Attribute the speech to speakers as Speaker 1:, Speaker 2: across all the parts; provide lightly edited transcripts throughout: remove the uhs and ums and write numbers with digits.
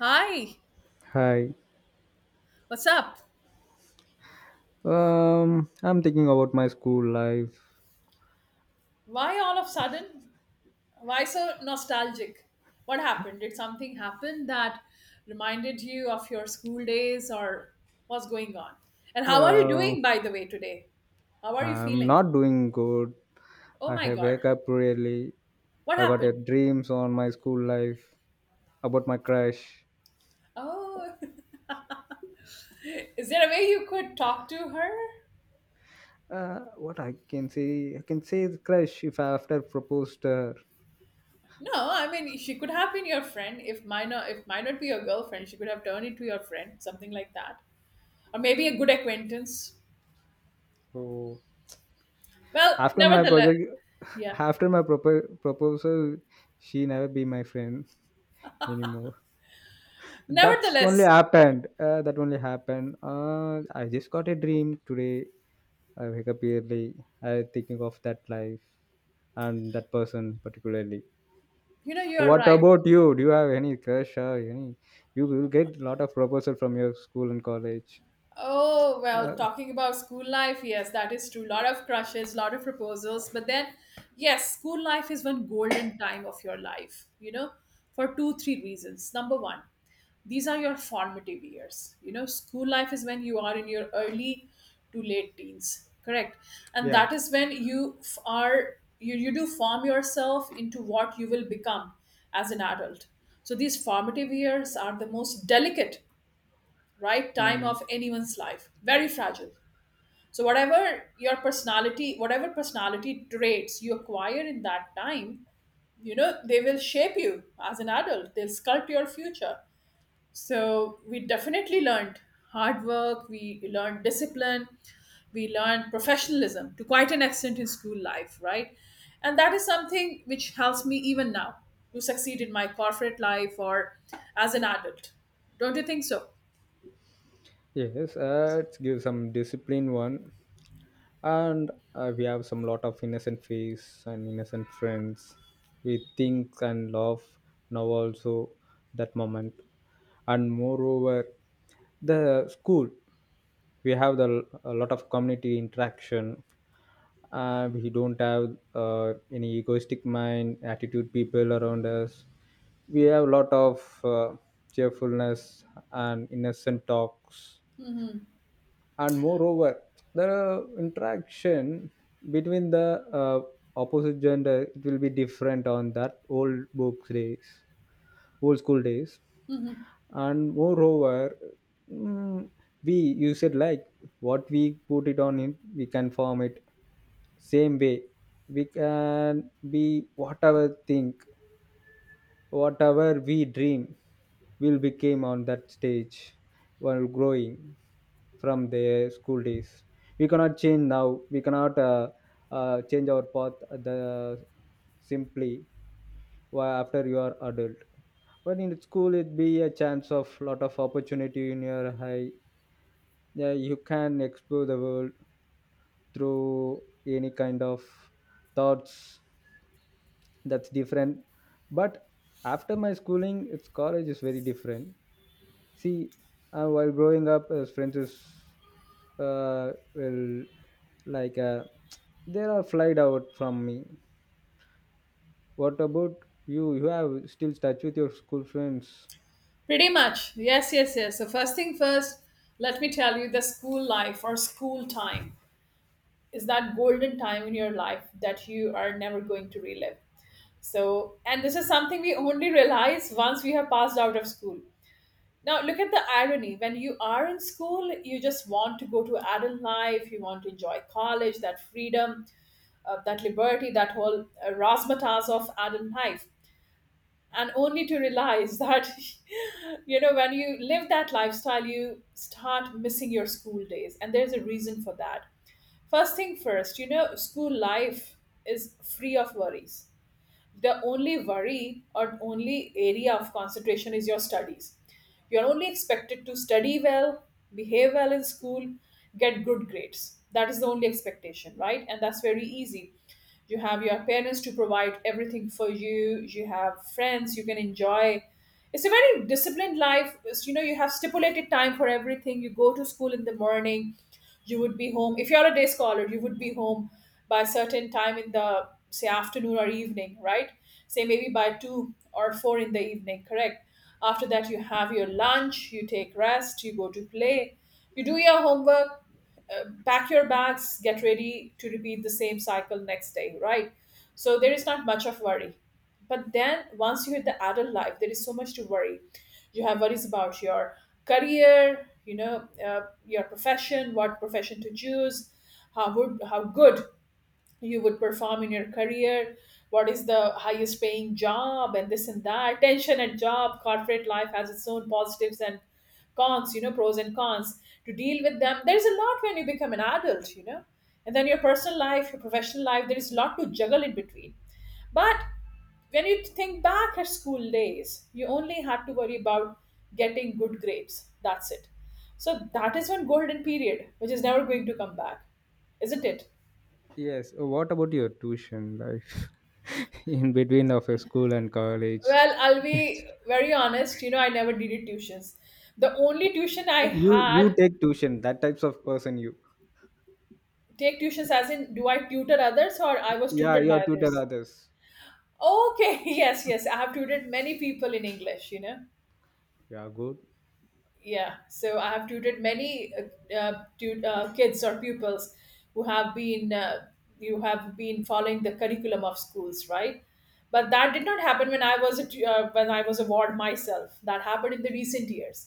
Speaker 1: Hi,
Speaker 2: Hi.
Speaker 1: what's up?
Speaker 2: I'm thinking about my school life.
Speaker 1: Why all of a sudden? Why so nostalgic? What happened? Did something happen that reminded you of your school days or what's going on? And how are you
Speaker 2: Uh,
Speaker 1: doing, by the way, today? How are you
Speaker 2: I'm
Speaker 1: feeling?
Speaker 2: not doing good.
Speaker 1: Oh
Speaker 2: I
Speaker 1: my
Speaker 2: have
Speaker 1: god,
Speaker 2: wake up really.
Speaker 1: what
Speaker 2: I got a
Speaker 1: happened?
Speaker 2: dreams on my school life about my crush.
Speaker 1: Oh, is there a way you could talk to her?
Speaker 2: What I can say the crush if I after proposed her.
Speaker 1: No, I mean she could have been your friend. If might not be your girlfriend, she could have turned into your friend, something like that, or maybe a good acquaintance.
Speaker 2: So
Speaker 1: Well,
Speaker 2: after my
Speaker 1: nevertheless,
Speaker 2: project,
Speaker 1: yeah.
Speaker 2: after my proposal, she never be my friend anymore. That's only
Speaker 1: Nevertheless,
Speaker 2: happened. That only happened. I just got a dream today I wake up early. I thinking of that life and that person particularly.
Speaker 1: you are
Speaker 2: What
Speaker 1: right.
Speaker 2: about you? Do you have any crush or any? You will get a lot of proposal from your school and college.
Speaker 1: Oh, well,
Speaker 2: Uh,
Speaker 1: talking about school life, yes, that is true. Lot of crushes, lot of proposals. But then, yes, school life is one golden time of your life, for two, three reasons. Number one, these are your formative years. School life is when you are in your early to late teens, correct? And
Speaker 2: Yeah.
Speaker 1: that is when you do form yourself into what you will become as an adult. So these formative years are the most delicate right time
Speaker 2: Mm.
Speaker 1: of anyone's life. Very fragile. So, whatever your personality, whatever personality traits you acquire in that time, they will shape you as an adult, they'll sculpt your future. So, we definitely learned hard work, we learned discipline, we learned professionalism to quite an extent in school life, right? And that is something which helps me even now to succeed in my corporate life or as an adult. Don't you think so?
Speaker 2: Yes, it gives some discipline one, and we have some lot of innocent face and innocent friends. We think and laugh now also that moment, and moreover the school. We have the a lot of community interaction. We don't have any egoistic mind attitude people around us. We have a lot of cheerfulness and innocent talks, and moreover the interaction between the opposite gender, it will be different on that old books days, old school days. And moreover, mm, we you said like what we put it on it we can form it, same way we can be whatever think, whatever we dream will become on that stage while growing from their school days. We cannot change now, we cannot change our path the simply why after you are adult. But in school it be a chance of lot of opportunity in your high. Yeah, you can explore the world through any kind of thoughts. That's different. But after my schooling it's college is very different. See, while growing up as friends is will like they are flied out from me. What about you? You have still touch with your school friends?
Speaker 1: Pretty much. Yes, yes, yes. So, first thing first, let me tell you the school life or school time is that golden time in your life that you are never going to relive. So, and this is something we only realize once we have passed out of school. Now, look at the irony. When you are in school, you just want to go to adult life, you want to enjoy college, that freedom, that liberty, that whole razzmatazz of adult life and only to realize that when you live that lifestyle, you start missing your school days, and there's a reason for that. First thing first, school life is free of worries. The only worry or only area of concentration is your studies. You're only expected to study well, behave well in school, get good grades. That is the only expectation, right? And that's very easy. You have your parents to provide everything for you, you have friends you can enjoy. It's a very disciplined life. It's, you have stipulated time for everything. You go to school in the morning. You would be home, if you're a day scholar, you would be home by a certain time in the say afternoon or evening, right? Say maybe by 2 or 4 in the evening, correct? After that you have your lunch, you take rest, you go to play, you do your homework, pack your bags, get ready to repeat the same cycle next day, right? So there is not much of worry. But then once you hit the adult life, there is so much to worry. You have worries about your career. Your profession, what profession to choose, how good you would perform in your career, what is the highest paying job, and this and that tension at job. Corporate life has its own positives and cons, pros and cons to deal with them. There's a lot when you become an adult, and then your personal life, your professional life, there is a lot to juggle in between. But when you think back at school days, you only had to worry about getting good grades. That's it. So that is one golden period, which is never going to come back, isn't it?
Speaker 2: Yes. What about your tuition life in between of your school and college?
Speaker 1: Well, I'll
Speaker 2: It's-
Speaker 1: be very honest. I never did it tuitions. The only tuition I
Speaker 2: You
Speaker 1: had,
Speaker 2: take tuition. That types of person you.
Speaker 1: take tuitions as in, do I tutor others or I was
Speaker 2: Yeah,
Speaker 1: tutored
Speaker 2: you are
Speaker 1: by
Speaker 2: tutor
Speaker 1: others?
Speaker 2: others.
Speaker 1: Okay, yes, yes. I have tutored many people in English.
Speaker 2: Yeah, good.
Speaker 1: Yeah, so I have tutored many kids or pupils who have been you have been following the curriculum of schools, right? But that did not happen when I was a ward myself. That happened in the recent years.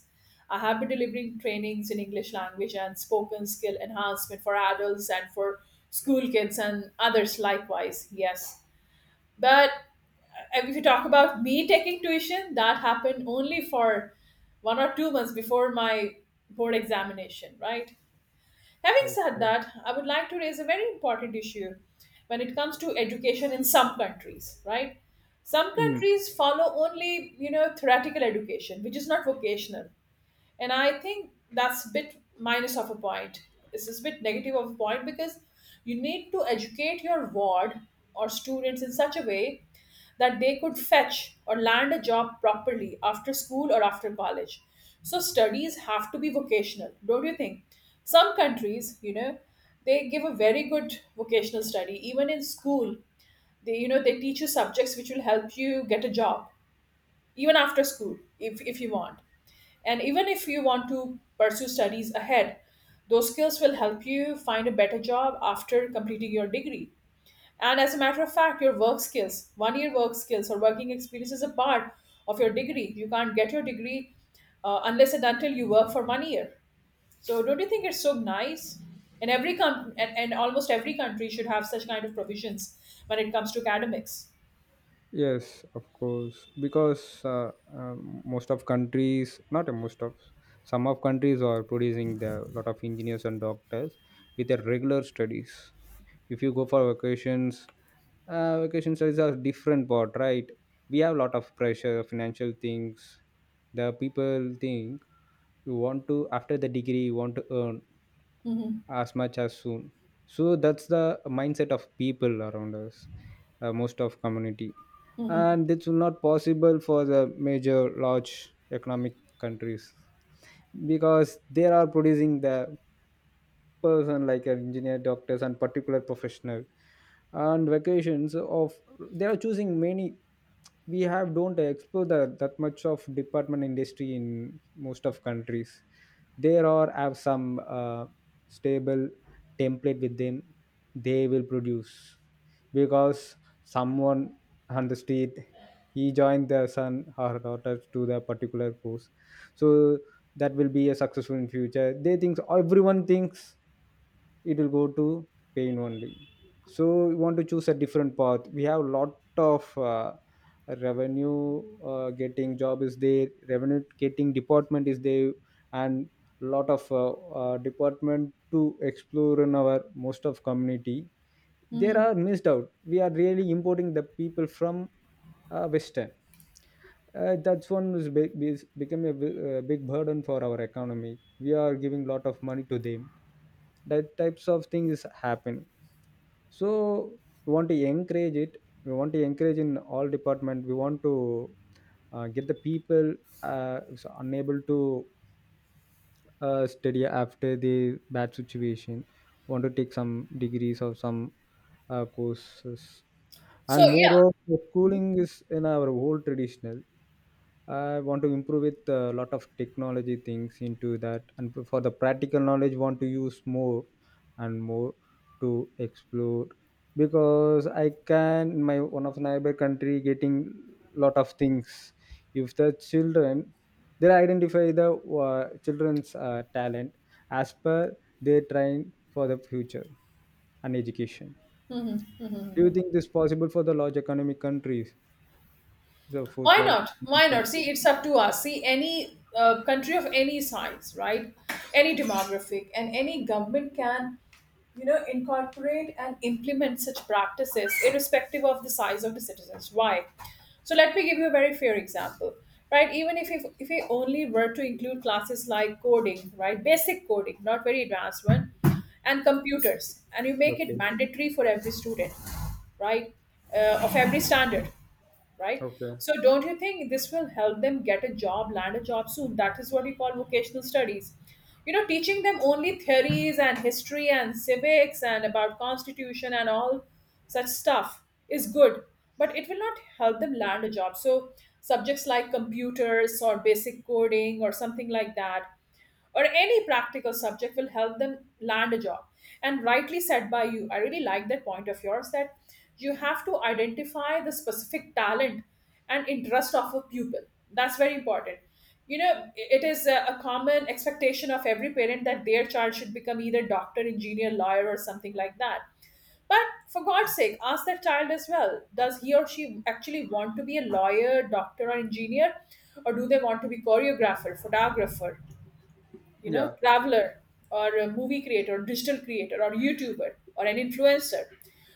Speaker 1: I have been delivering trainings in English language and spoken skill enhancement for adults and for school kids and others likewise, yes. But if you talk about me taking tuition, that happened only for 1 or 2 months before my board examination, right? Having said
Speaker 2: Okay.
Speaker 1: that, I would like to raise a very important issue when it comes to education in some countries, right? Some
Speaker 2: Mm.
Speaker 1: countries follow only, theoretical education, which is not vocational. And I think that's a bit minus of a point. It's just a bit negative of a point because you need to educate your ward or students in such a way that they could fetch or land a job properly after school or after college. So studies have to be vocational, don't you think? Some countries, they give a very good vocational study. Even in school, they teach you subjects which will help you get a job even after school if you want. And even if you want to pursue studies ahead, those skills will help you find a better job after completing your degree. And as a matter of fact, your work skills, 1 year work skills or working experience is a part of your degree. You can't get your degree unless and until you work for 1 year. So don't you think it's so nice? And and almost every country should have such kind of provisions when it comes to academics.
Speaker 2: Yes, of course, because most of countries, not a most of, some of countries are producing the lot of engineers and doctors with their regular studies. If you go for vacations, vacation studies are different part, right? We have a lot of pressure, financial things. The people think you want to after the degree you want to earn
Speaker 1: Hmm.
Speaker 2: as much as soon, so that's the mindset of people around us, most of community.
Speaker 1: Hmm.
Speaker 2: And it's not possible for the major large economic countries because they are producing the person like an engineer doctors and particular professional, and vacations of they are choosing many. We have don't explore the, that much of department industry in most of countries. There are have some stable template with them, they will produce because someone on the street he joined their son or daughter to the particular course, so that will be a successful in future, they think, everyone thinks it will go to pain only. So we want to choose a different path. We have lot of revenue, getting job is there, revenue getting department is there, and lot of department to explore in our most of community. There
Speaker 1: Hmm.
Speaker 2: are missed out. We are really importing the people from western. That's one is become a big burden for our economy. We are giving lot of money to them. That types of things is happening. So we want to encourage it. We want to encourage in all department. We want to get the people who's unable to study after the bad situation, want to take some degrees or some courses.
Speaker 1: So
Speaker 2: And
Speaker 1: yeah.
Speaker 2: moreover, schooling is in our whole traditional, I want to improve with a lot of technology things into that, and for the practical knowledge, want to use more and more to explore, because I can my one of neighbor country getting lot of things. If the children, they identify the children's talent, as per they train for the future and education. Do you think this possible for the large economic countries? The fourth
Speaker 1: Why
Speaker 2: large
Speaker 1: not? Why
Speaker 2: economic
Speaker 1: not?
Speaker 2: country.
Speaker 1: See, it's up to us. See, any country of any size, right? Any demographic and any government can, incorporate and implement such practices irrespective of the size of the citizens. Why? So let me give you a very fair example, right? Even if we only were to include classes like coding, right, basic coding, not very advanced one, and computers, and you make it
Speaker 2: Okay.
Speaker 1: mandatory for every student, right, of every standard, right?
Speaker 2: Okay.
Speaker 1: So don't you think this will help them get a job, land a job soon? That is what we call vocational studies. Teaching them only theories and history and civics and about constitution and all such stuff is good, but it will not help them land a job. So subjects like computers or basic coding or something like that or any practical subject will help them land a job. And rightly said by you, I really like that point of yours that you have to identify the specific talent and interest of a pupil. That's very important. It is a common expectation of every parent that their child should become either doctor, engineer, lawyer, or something like that. But for God's sake, ask that child as well. Does he or she actually want to be a lawyer, doctor, or engineer? Or do they want to be choreographer, photographer,
Speaker 2: Yeah,
Speaker 1: traveler or a movie creator or digital creator or YouTuber or an influencer?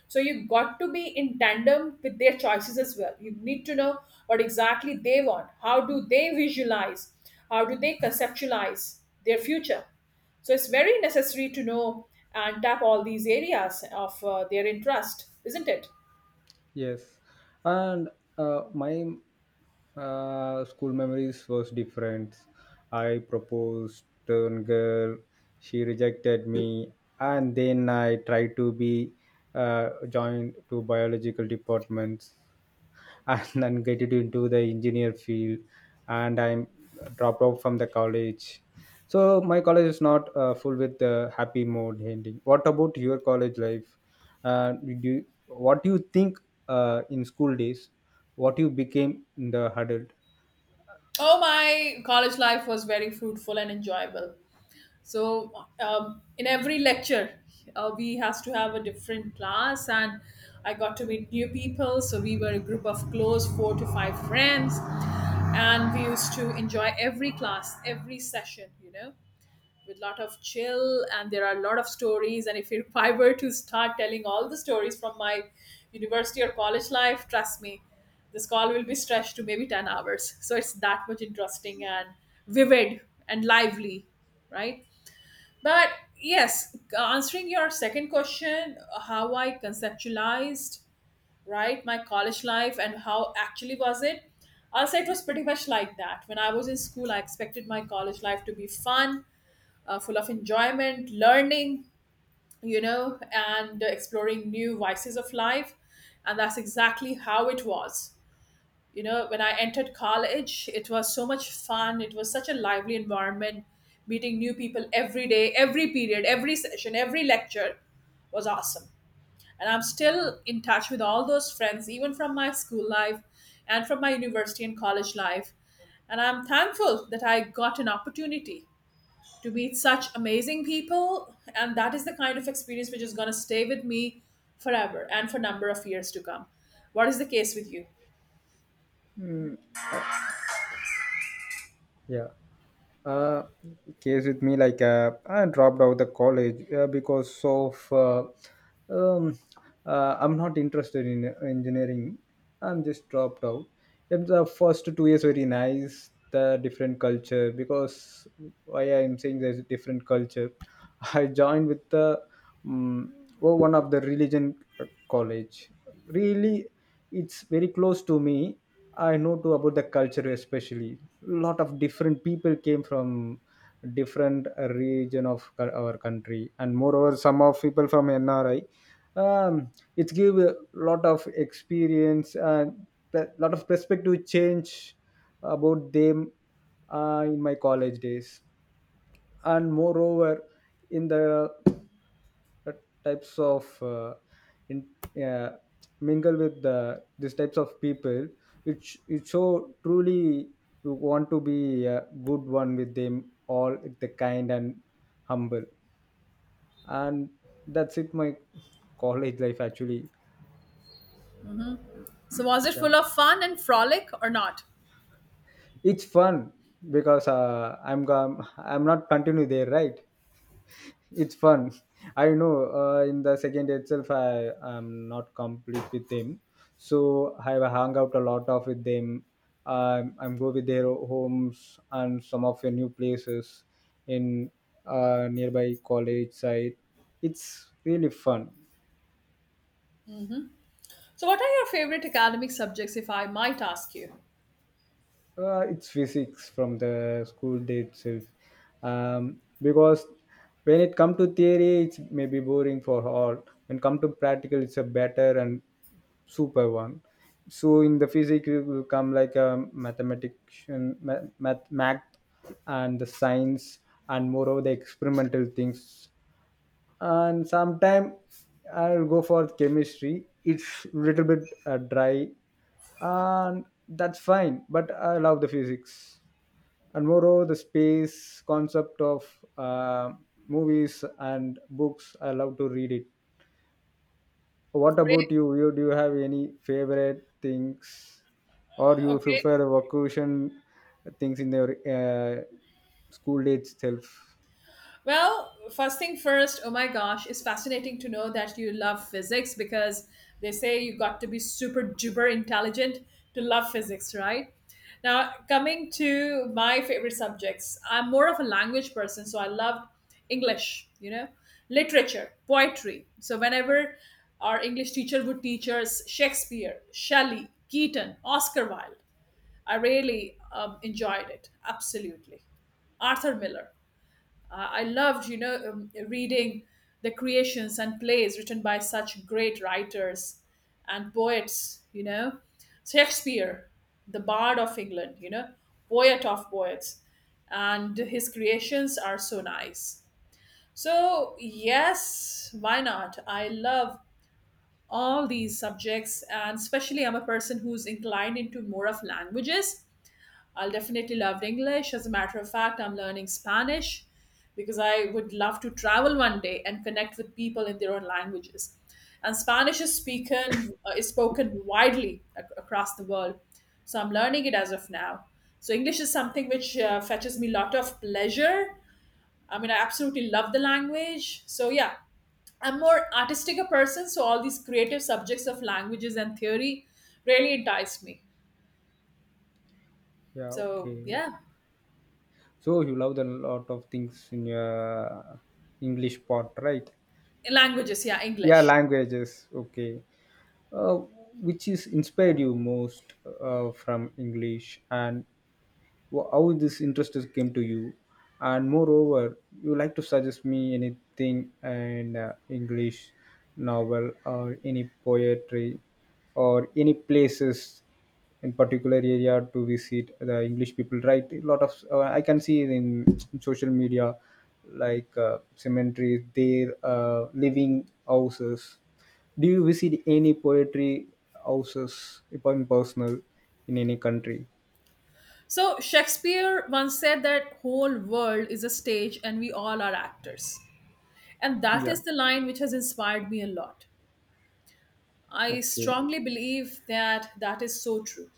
Speaker 1: So you got to be in tandem with their choices as well. You need to know what exactly they want, how do they visualize, how do they conceptualize their future. So it's very necessary to know and tap all these areas of their interest, isn't it?
Speaker 2: yes. And my school memories was different. I proposed to a girl, she rejected me, and then I tried to be joined to biological departments. And then get it into the engineer field, and I'm dropped out from the college. So my college is not full with the happy mode ending. What about your college life? Did you, what do you think in school days what you became in the adult?
Speaker 1: Oh, my college life was very fruitful and enjoyable. So in every lecture we has to have a different class, and I got to meet new people. So we were a group of close four to five friends, and we used to enjoy every class, every session, with lot of chill. And there are a lot of stories, and if I were to start telling all the stories from my university or college life, trust me, this call will be stretched to maybe 10 hours, so it's that much interesting and vivid and lively, right? But yes, answering your second question, how I conceptualized, right, my college life and how actually was it? I'll say it was pretty much like that. When I was in school, I expected my college life to be fun, full of enjoyment, learning, and exploring new vices of life, and that's exactly how it was. You know, when I entered college, it was so much fun. It was such a lively environment, meeting new people every day, every period, every session, every lecture was awesome. And I'm still in touch with all those friends, even from my school life and from my university and college life. And I'm thankful that I got an opportunity to meet such amazing people, and that is the kind of experience which is going to stay with me forever and for number of years to come. What is the case with you?
Speaker 2: Yeah. Uh, Case with me, like I dropped out the college because of um, I'm not interested in engineering. I'm just dropped out. And the first 2 years very nice. The different culture because why I am saying there's a different culture. I joined with the um, one of the religion college. Really it's very close to me. I know too about the culture, especially lot of different people came from different region of our country, and moreover some of people from NRI. um, it give a lot of experience and a lot of perspective change about them in my college days. And moreover in the uh, types of in, uh, mingle with the these types of people, which it so truly you want to be a good one with them, all the kind and humble. And that's it, my college life actually.
Speaker 1: So, was it full
Speaker 2: Yeah,
Speaker 1: of fun and frolic or not?
Speaker 2: it's fun because I'm I'm not continue there, right? It's fun. I know in the second itself I am not complete with them, so I have hung out a lot of with them. I'm go with their homes and some of the new places in nearby college side. It's really fun.
Speaker 1: So, what are your favorite academic subjects, if I might ask you?
Speaker 2: It's physics from the school day itself. Because when it come to theory, it's maybe boring for all. When come to practical, it's a better and super one. So in the physics, it will come like a mathematician, math, math, math, and the science, and moreover the experimental things. And sometime I'll go for chemistry, it's little bit dry, and that's fine, but I love the physics. And moreover the space concept of uh, movies and books I love to read it. What
Speaker 1: Great.
Speaker 2: about you, you do you have any favorite things or you
Speaker 1: Okay.
Speaker 2: prefer vacation things in your school day itself?
Speaker 1: Well, first thing first, oh my gosh, it's fascinating to know that you love physics because they say you got to be super duper intelligent to love physics, right? Now, coming to my favorite subjects, I'm more of a language person, so I love English, literature, poetry. So, whenever our English teacher would teach us Shakespeare, Shelley, Keaton, Oscar Wilde, I really enjoyed it, absolutely. Arthur Miller. I loved, reading the creations and plays written by such great writers and poets. Shakespeare, the bard of England, poet of poets, and his creations are so nice. So, yes, why not? I love all these subjects, and especially I'm a person who's inclined into more of languages. I'll definitely love English. As a matter of fact, I'm learning Spanish because I would love to travel one day and connect with people in their own languages. And Spanish is spoken widely across the world, so I'm learning it as of now. So English is something which fetches me a lot of pleasure. I mean, I absolutely love the language. So yeah, I'm more artistic a person, so all these creative subjects of languages and theory really enticed me.
Speaker 2: Yeah,
Speaker 1: So
Speaker 2: okay.
Speaker 1: yeah.
Speaker 2: So you love the lot of things in your English part, right?
Speaker 1: Languages, yeah,
Speaker 2: Yeah,
Speaker 1: English.
Speaker 2: languages. Okay. Uh, which is inspired you most from English, and how this interest is came to you, and moreover you like to suggest me anything, and English novel or any poetry or any places in particular area to visit? The English people write a lot of I can see it in social media, like cemeteries, their living houses. Do you visit any poetry houses if I'm personal in any country?
Speaker 1: So Shakespeare once said that whole world is a stage and we all are actors, and that
Speaker 2: Yeah.
Speaker 1: is the line which has inspired me a lot. I
Speaker 2: Okay.
Speaker 1: strongly believe that is so true.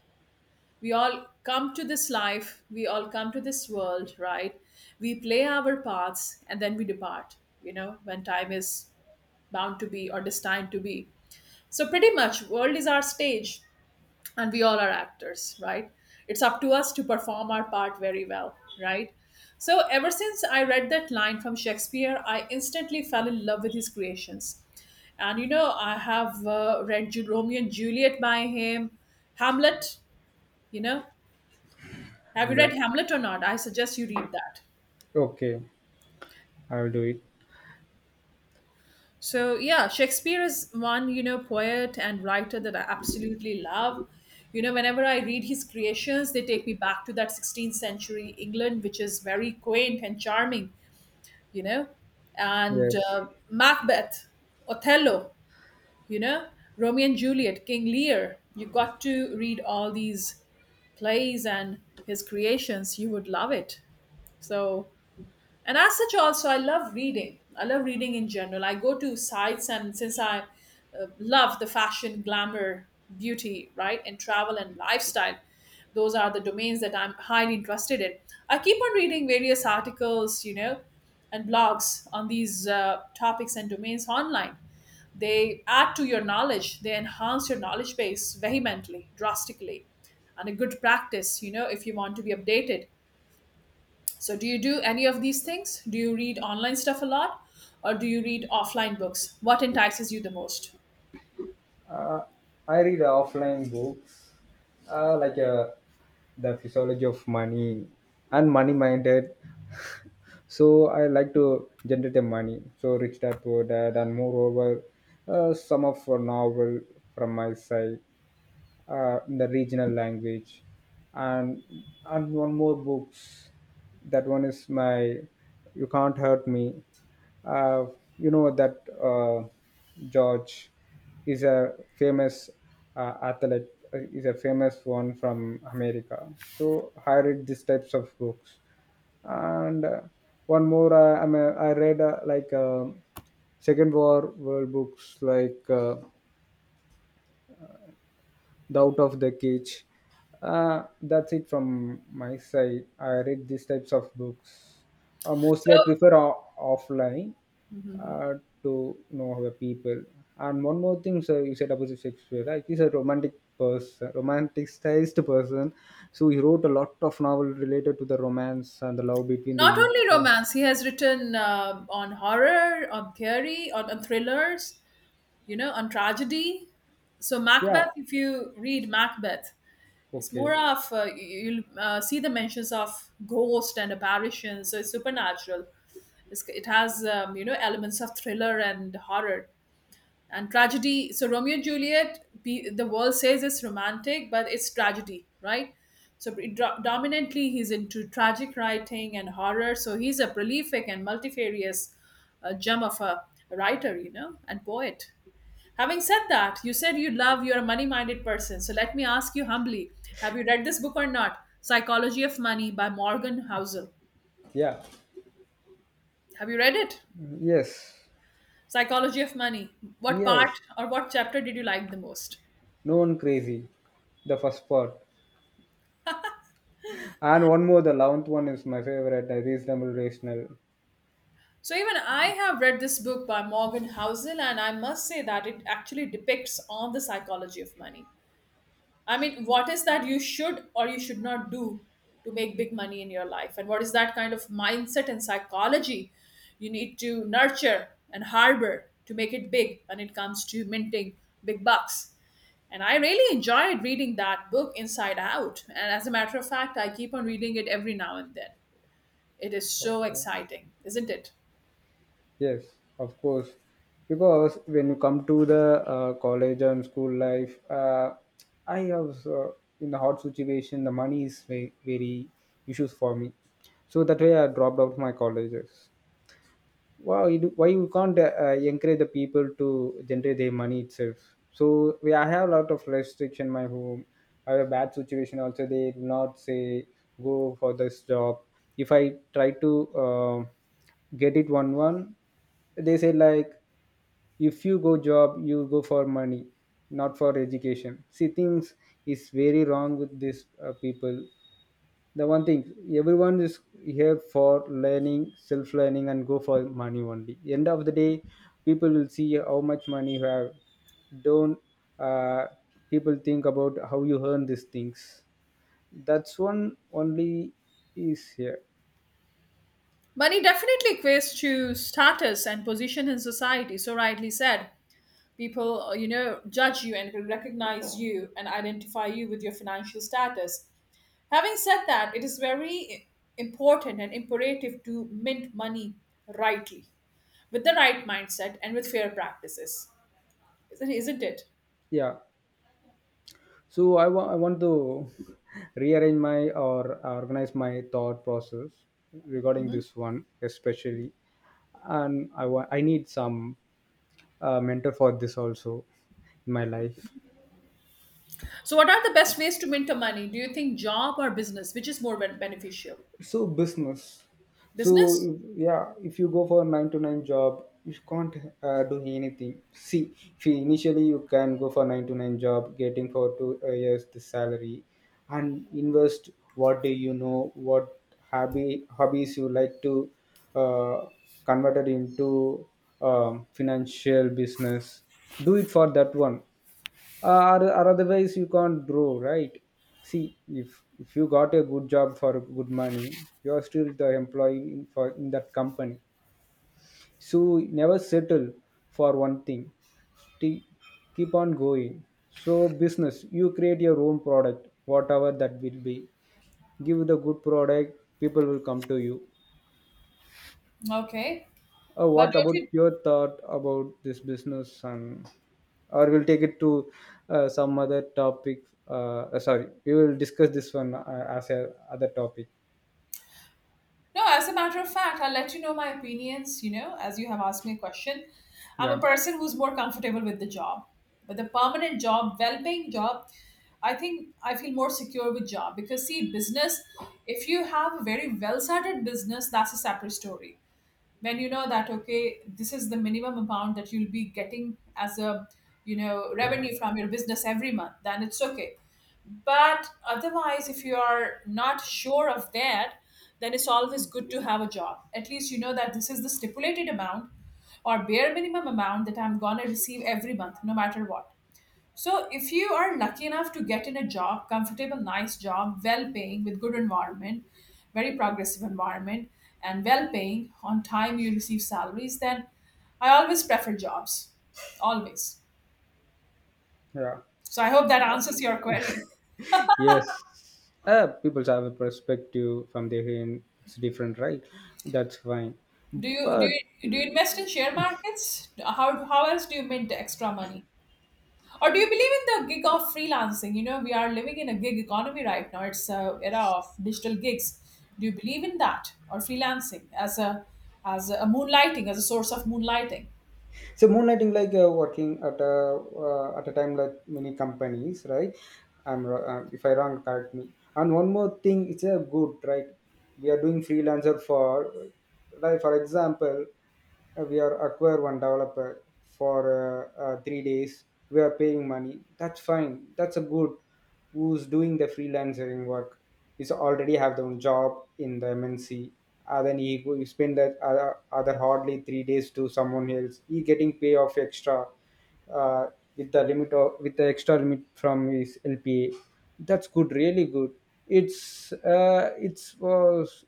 Speaker 1: We all come to this life, we all come to this world, right? We play our parts and then we depart, you know, when time is bound to be or destined to be. So pretty much world is our stage and we all are actors, right? It's up to us to perform our part very well, right? So ever since I read that line from Shakespeare, I instantly fell in love with his creations. And you know, I have read Romeo and Juliet by him, Hamlet, you know. Have you
Speaker 2: I'm
Speaker 1: read
Speaker 2: like,
Speaker 1: Hamlet or not? I suggest you read that.
Speaker 2: okay, I'll do it.
Speaker 1: So yeah, Shakespeare is one, you know, poet and writer that I absolutely love. You know, whenever I read his creations, they take me back to that 16th century England, which is very quaint and charming, you know, and
Speaker 2: Yes,
Speaker 1: Macbeth, Othello, you know, Romeo and Juliet, King Lear. You got to read all these plays and his creations. You would love it. So and as such also I love reading, I love reading in general. I go to sites, and since I love the fashion, glamour, beauty, right, and travel and lifestyle, those are the domains that I'm highly interested in. I keep on reading various articles, you know, and blogs on these topics and domains online. They add to your knowledge, they enhance your knowledge base vehemently, drastically, and a good practice, you know, if you want to be updated. So, do you do any of these things? Do you read online stuff a lot or do you read offline books? What entices you the most?
Speaker 2: I read offline books, like the physiology of money and money minded. So I like to generate the money. So rich dad poor dad, and moreover, some of a novel from my side in the regional language, and and one more books. That one is my you can't hurt me. Uh, you know that uh, George is a famous athlete. Is a famous one from America. So I read these types of books, and one more I, mean, I read like second war world books like the out of the cage. That's it from my side. I read these types of books, mostly I
Speaker 1: So,
Speaker 2: prefer offline, uh, to know the people. And one more thing sir, you said about Shakespeare, right? He's a romanticized person, so he wrote a lot of novel related to the romance and the love between the
Speaker 1: not only
Speaker 2: each.
Speaker 1: romance, he has written on horror, on theory, on thrillers, you know, on tragedy. So,
Speaker 2: Yeah.
Speaker 1: Macbeth, if you read Macbeth, it's more
Speaker 2: Okay.
Speaker 1: of you'll see the mentions of ghost and apparitions, so it's supernatural. It's, it has, you know, elements of thriller and horror and tragedy. So Romeo and Juliet, the world says it's romantic but it's tragedy, right? So predominantly he's into tragic writing and horror, so he's a prolific and multifarious gem of a writer, you know, and poet. Having said that, you said you love, you're a money minded person, so let me ask you humbly, have you read this book or not? Psychology of Money by Morgan Housel.
Speaker 2: Yeah.
Speaker 1: Have you read it?
Speaker 2: Yes.
Speaker 1: Psychology of Money. What part
Speaker 2: Yes.
Speaker 1: or what chapter did you like the most?
Speaker 2: No one crazy. The first part. And one more, the 11th one is my favorite. The reasonable, rational.
Speaker 1: So even I have read this book by Morgan Housel, and I must say that it actually depicts on the psychology of money. I mean, what is that you should or you should not do to make big money in your life, and what is that kind of mindset and psychology you need to nurture and harbor to make it big when it comes to minting big bucks. And I really enjoyed reading that book inside out. And as a matter of fact, I keep on reading it every now and then. It is so
Speaker 2: Okay.
Speaker 1: exciting, isn't it?
Speaker 2: Yes, of course. Because when you come to the college and school life, I have in the hard situation, the money is very, very issues for me. So that way, I dropped out of my colleges. Wow, you do, why you can't encourage the people to generate their money itself? I have a lot of restriction in my home. I have a bad situation also. They do not say go for this job. If I try to get it one, they say like if you go job you go for money, not for education. See, things is very wrong with these people. The one thing, everyone is here for learning, self learning, and go for money only. End of the day, people will see how much money you have. Don't uh, people think about how you earn these things? That's one only is here.
Speaker 1: Money definitely equates to status and position in society. So rightly said, people you know, judge you and will recognize you and identify you with your financial status. Having said that, it is very important and imperative to mint money rightly, with the right mindset and with fair practices. Isn't it?
Speaker 2: Yeah. So I want to rearrange my or organize my thought process regarding this one especially, and I want I need some mentor for this also in my life.
Speaker 1: So, what are the best ways to mint the money? Do you think job or business, which is more beneficial?
Speaker 2: So business. So
Speaker 1: Business.
Speaker 2: yeah, if you go for a nine to nine job, you can't do anything. See, if you initially you can go for nine to nine job, getting for two years the salary, and invest what do you know, what hobby hobbies you like to uh, convert it into financial business. Do it for that one or otherwise you can't grow, right? See, if you got a good job for good money, you are still the employee in, for in that company. So never settle for one thing. Sti- Keep on going. So business, you create your own product, whatever that will be. Give the good product, people will come to you.
Speaker 1: Okay, but
Speaker 2: What
Speaker 1: don't
Speaker 2: about
Speaker 1: you.
Speaker 2: your thought about this business? And or we'll take it to some other topic. Sorry, we will discuss this one as a other topic.
Speaker 1: No, as a matter of fact, I'll let you know my opinions, you know, as you have asked me a question. I'm a
Speaker 2: Yeah.
Speaker 1: person who's more comfortable with the job. But the permanent job, well paying job, I think I feel more secure with job because see, business, if you have a very well started business, that's a separate story. When you know that okay, this is the minimum amount that you'll be getting as a, you know, revenue from your business every month, then it's okay. But otherwise, if you are not sure of that, then it's always good to have a job. At least you know that this is the stipulated amount or bare minimum amount that I'm going to receive every month, no matter what. So, if you are lucky enough to get in a job, comfortable, nice job, well paying, with good environment, very progressive environment, and well paying, on time you receive salaries, then I always prefer jobs. Always.
Speaker 2: Yeah.
Speaker 1: So, I hope that answers your query.
Speaker 2: Yes. People have a perspective from their end, it's different, right? That's fine, but
Speaker 1: Do you invest in share markets? How else do you make the extra money? Or do you believe in the gig of freelancing? You know, we are living in a gig economy right now. It's a era of digital gigs. Do you believe in that or freelancing as a, as a moonlighting, as a source of moonlighting?
Speaker 2: so moonlighting, like working at a time like many companies, right? If I wrong, correct me. And one more thing, it's a good right. We are doing freelancer for, like for example, we are acquire one developer for 3 days. We are paying money. That's fine. That's a good who's doing the freelancing work is already have their own job in the MNC. Then he spend that other hardly 3 days to someone else. He getting pay of extra uh, with the limit of, with the extra limit from his LPA. That's good, really good. It's was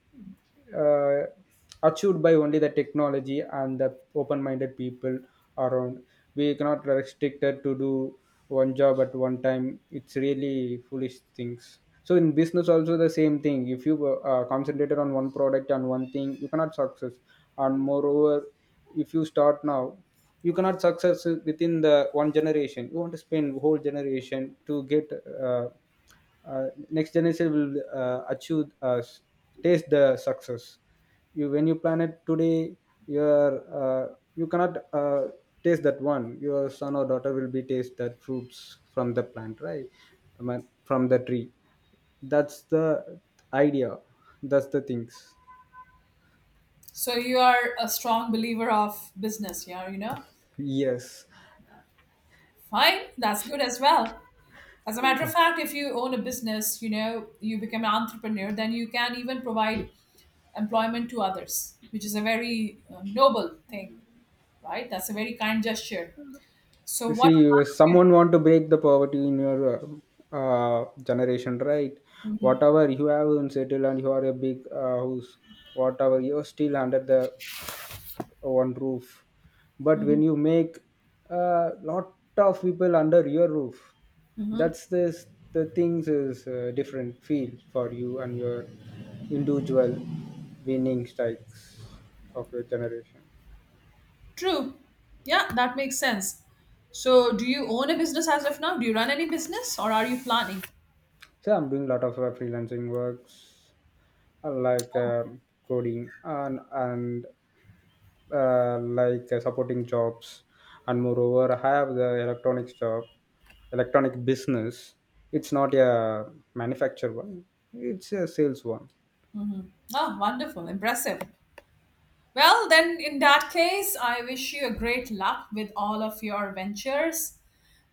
Speaker 2: uh, achieved by only the technology and the open-minded people around. We cannot restricted to do one job at one time. It's really foolish things. So in business also the same thing. If you concentrated on one product and one thing, you cannot success. And moreover, if you start now, you cannot success within the one generation. You want to spend whole generation to get. Uh, Next generation will achieve taste the success. You, when you plan it today, your you cannot taste that one. Your son or daughter will be taste that fruits from the plant, right? I mean, from the tree. That's the idea. That's the things.
Speaker 1: So you are a strong believer of business. Yeah, you know,
Speaker 2: Yes.
Speaker 1: fine, that's good as well. As a matter of fact, if you own a business, you know, you become an entrepreneur, then you can even provide employment to others, which is a very noble thing, right? That's a very kind gesture. So,
Speaker 2: You
Speaker 1: what
Speaker 2: see,
Speaker 1: plans do you.
Speaker 2: someone want to break the poverty in your generation, right?
Speaker 1: Mhm,
Speaker 2: Whatever you have in settle and you are a big house, whatever you're still under the one roof. But
Speaker 1: mhm,
Speaker 2: when you make a lot of people under your roof,
Speaker 1: mhm.
Speaker 2: that's this the things is different feel for you and your individual winning strikes of your generation.
Speaker 1: True. Yeah, that makes sense. So, do you own a business as of now? Do you run any business or are you planning?
Speaker 2: So I'm doing a lot of freelancing works like coding and like supporting jobs. And moreover, I have the electronics job, electronic business. It's not a manufacture one; it's a sales one.
Speaker 1: Ah, wonderful, impressive. Well, then, in that case, I wish you a great luck with all of your ventures,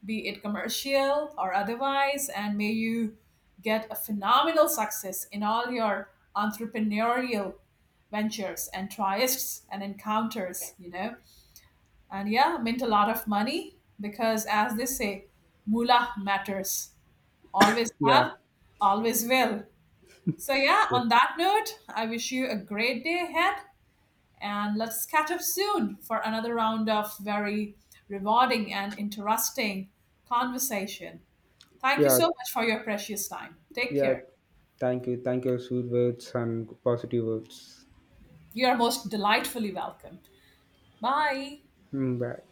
Speaker 1: be it commercial or otherwise, and may you get a phenomenal success in all your entrepreneurial ventures and trysts and encounters, you know. And yeah, mint a lot of money because, as they say, moolah matters. Always
Speaker 2: Yeah,
Speaker 1: have, always will. So, yeah,
Speaker 2: yes,
Speaker 1: on that note, I wish you a great day ahead and let's catch up soon for another round of very rewarding and interesting conversation. Thank you
Speaker 2: yeah,
Speaker 1: so much for your precious time. Take
Speaker 2: yeah.
Speaker 1: care.
Speaker 2: Thank you, thank you. Sweet words and positive words.
Speaker 1: You are most delightfully welcome. Bye.
Speaker 2: Mm, bye.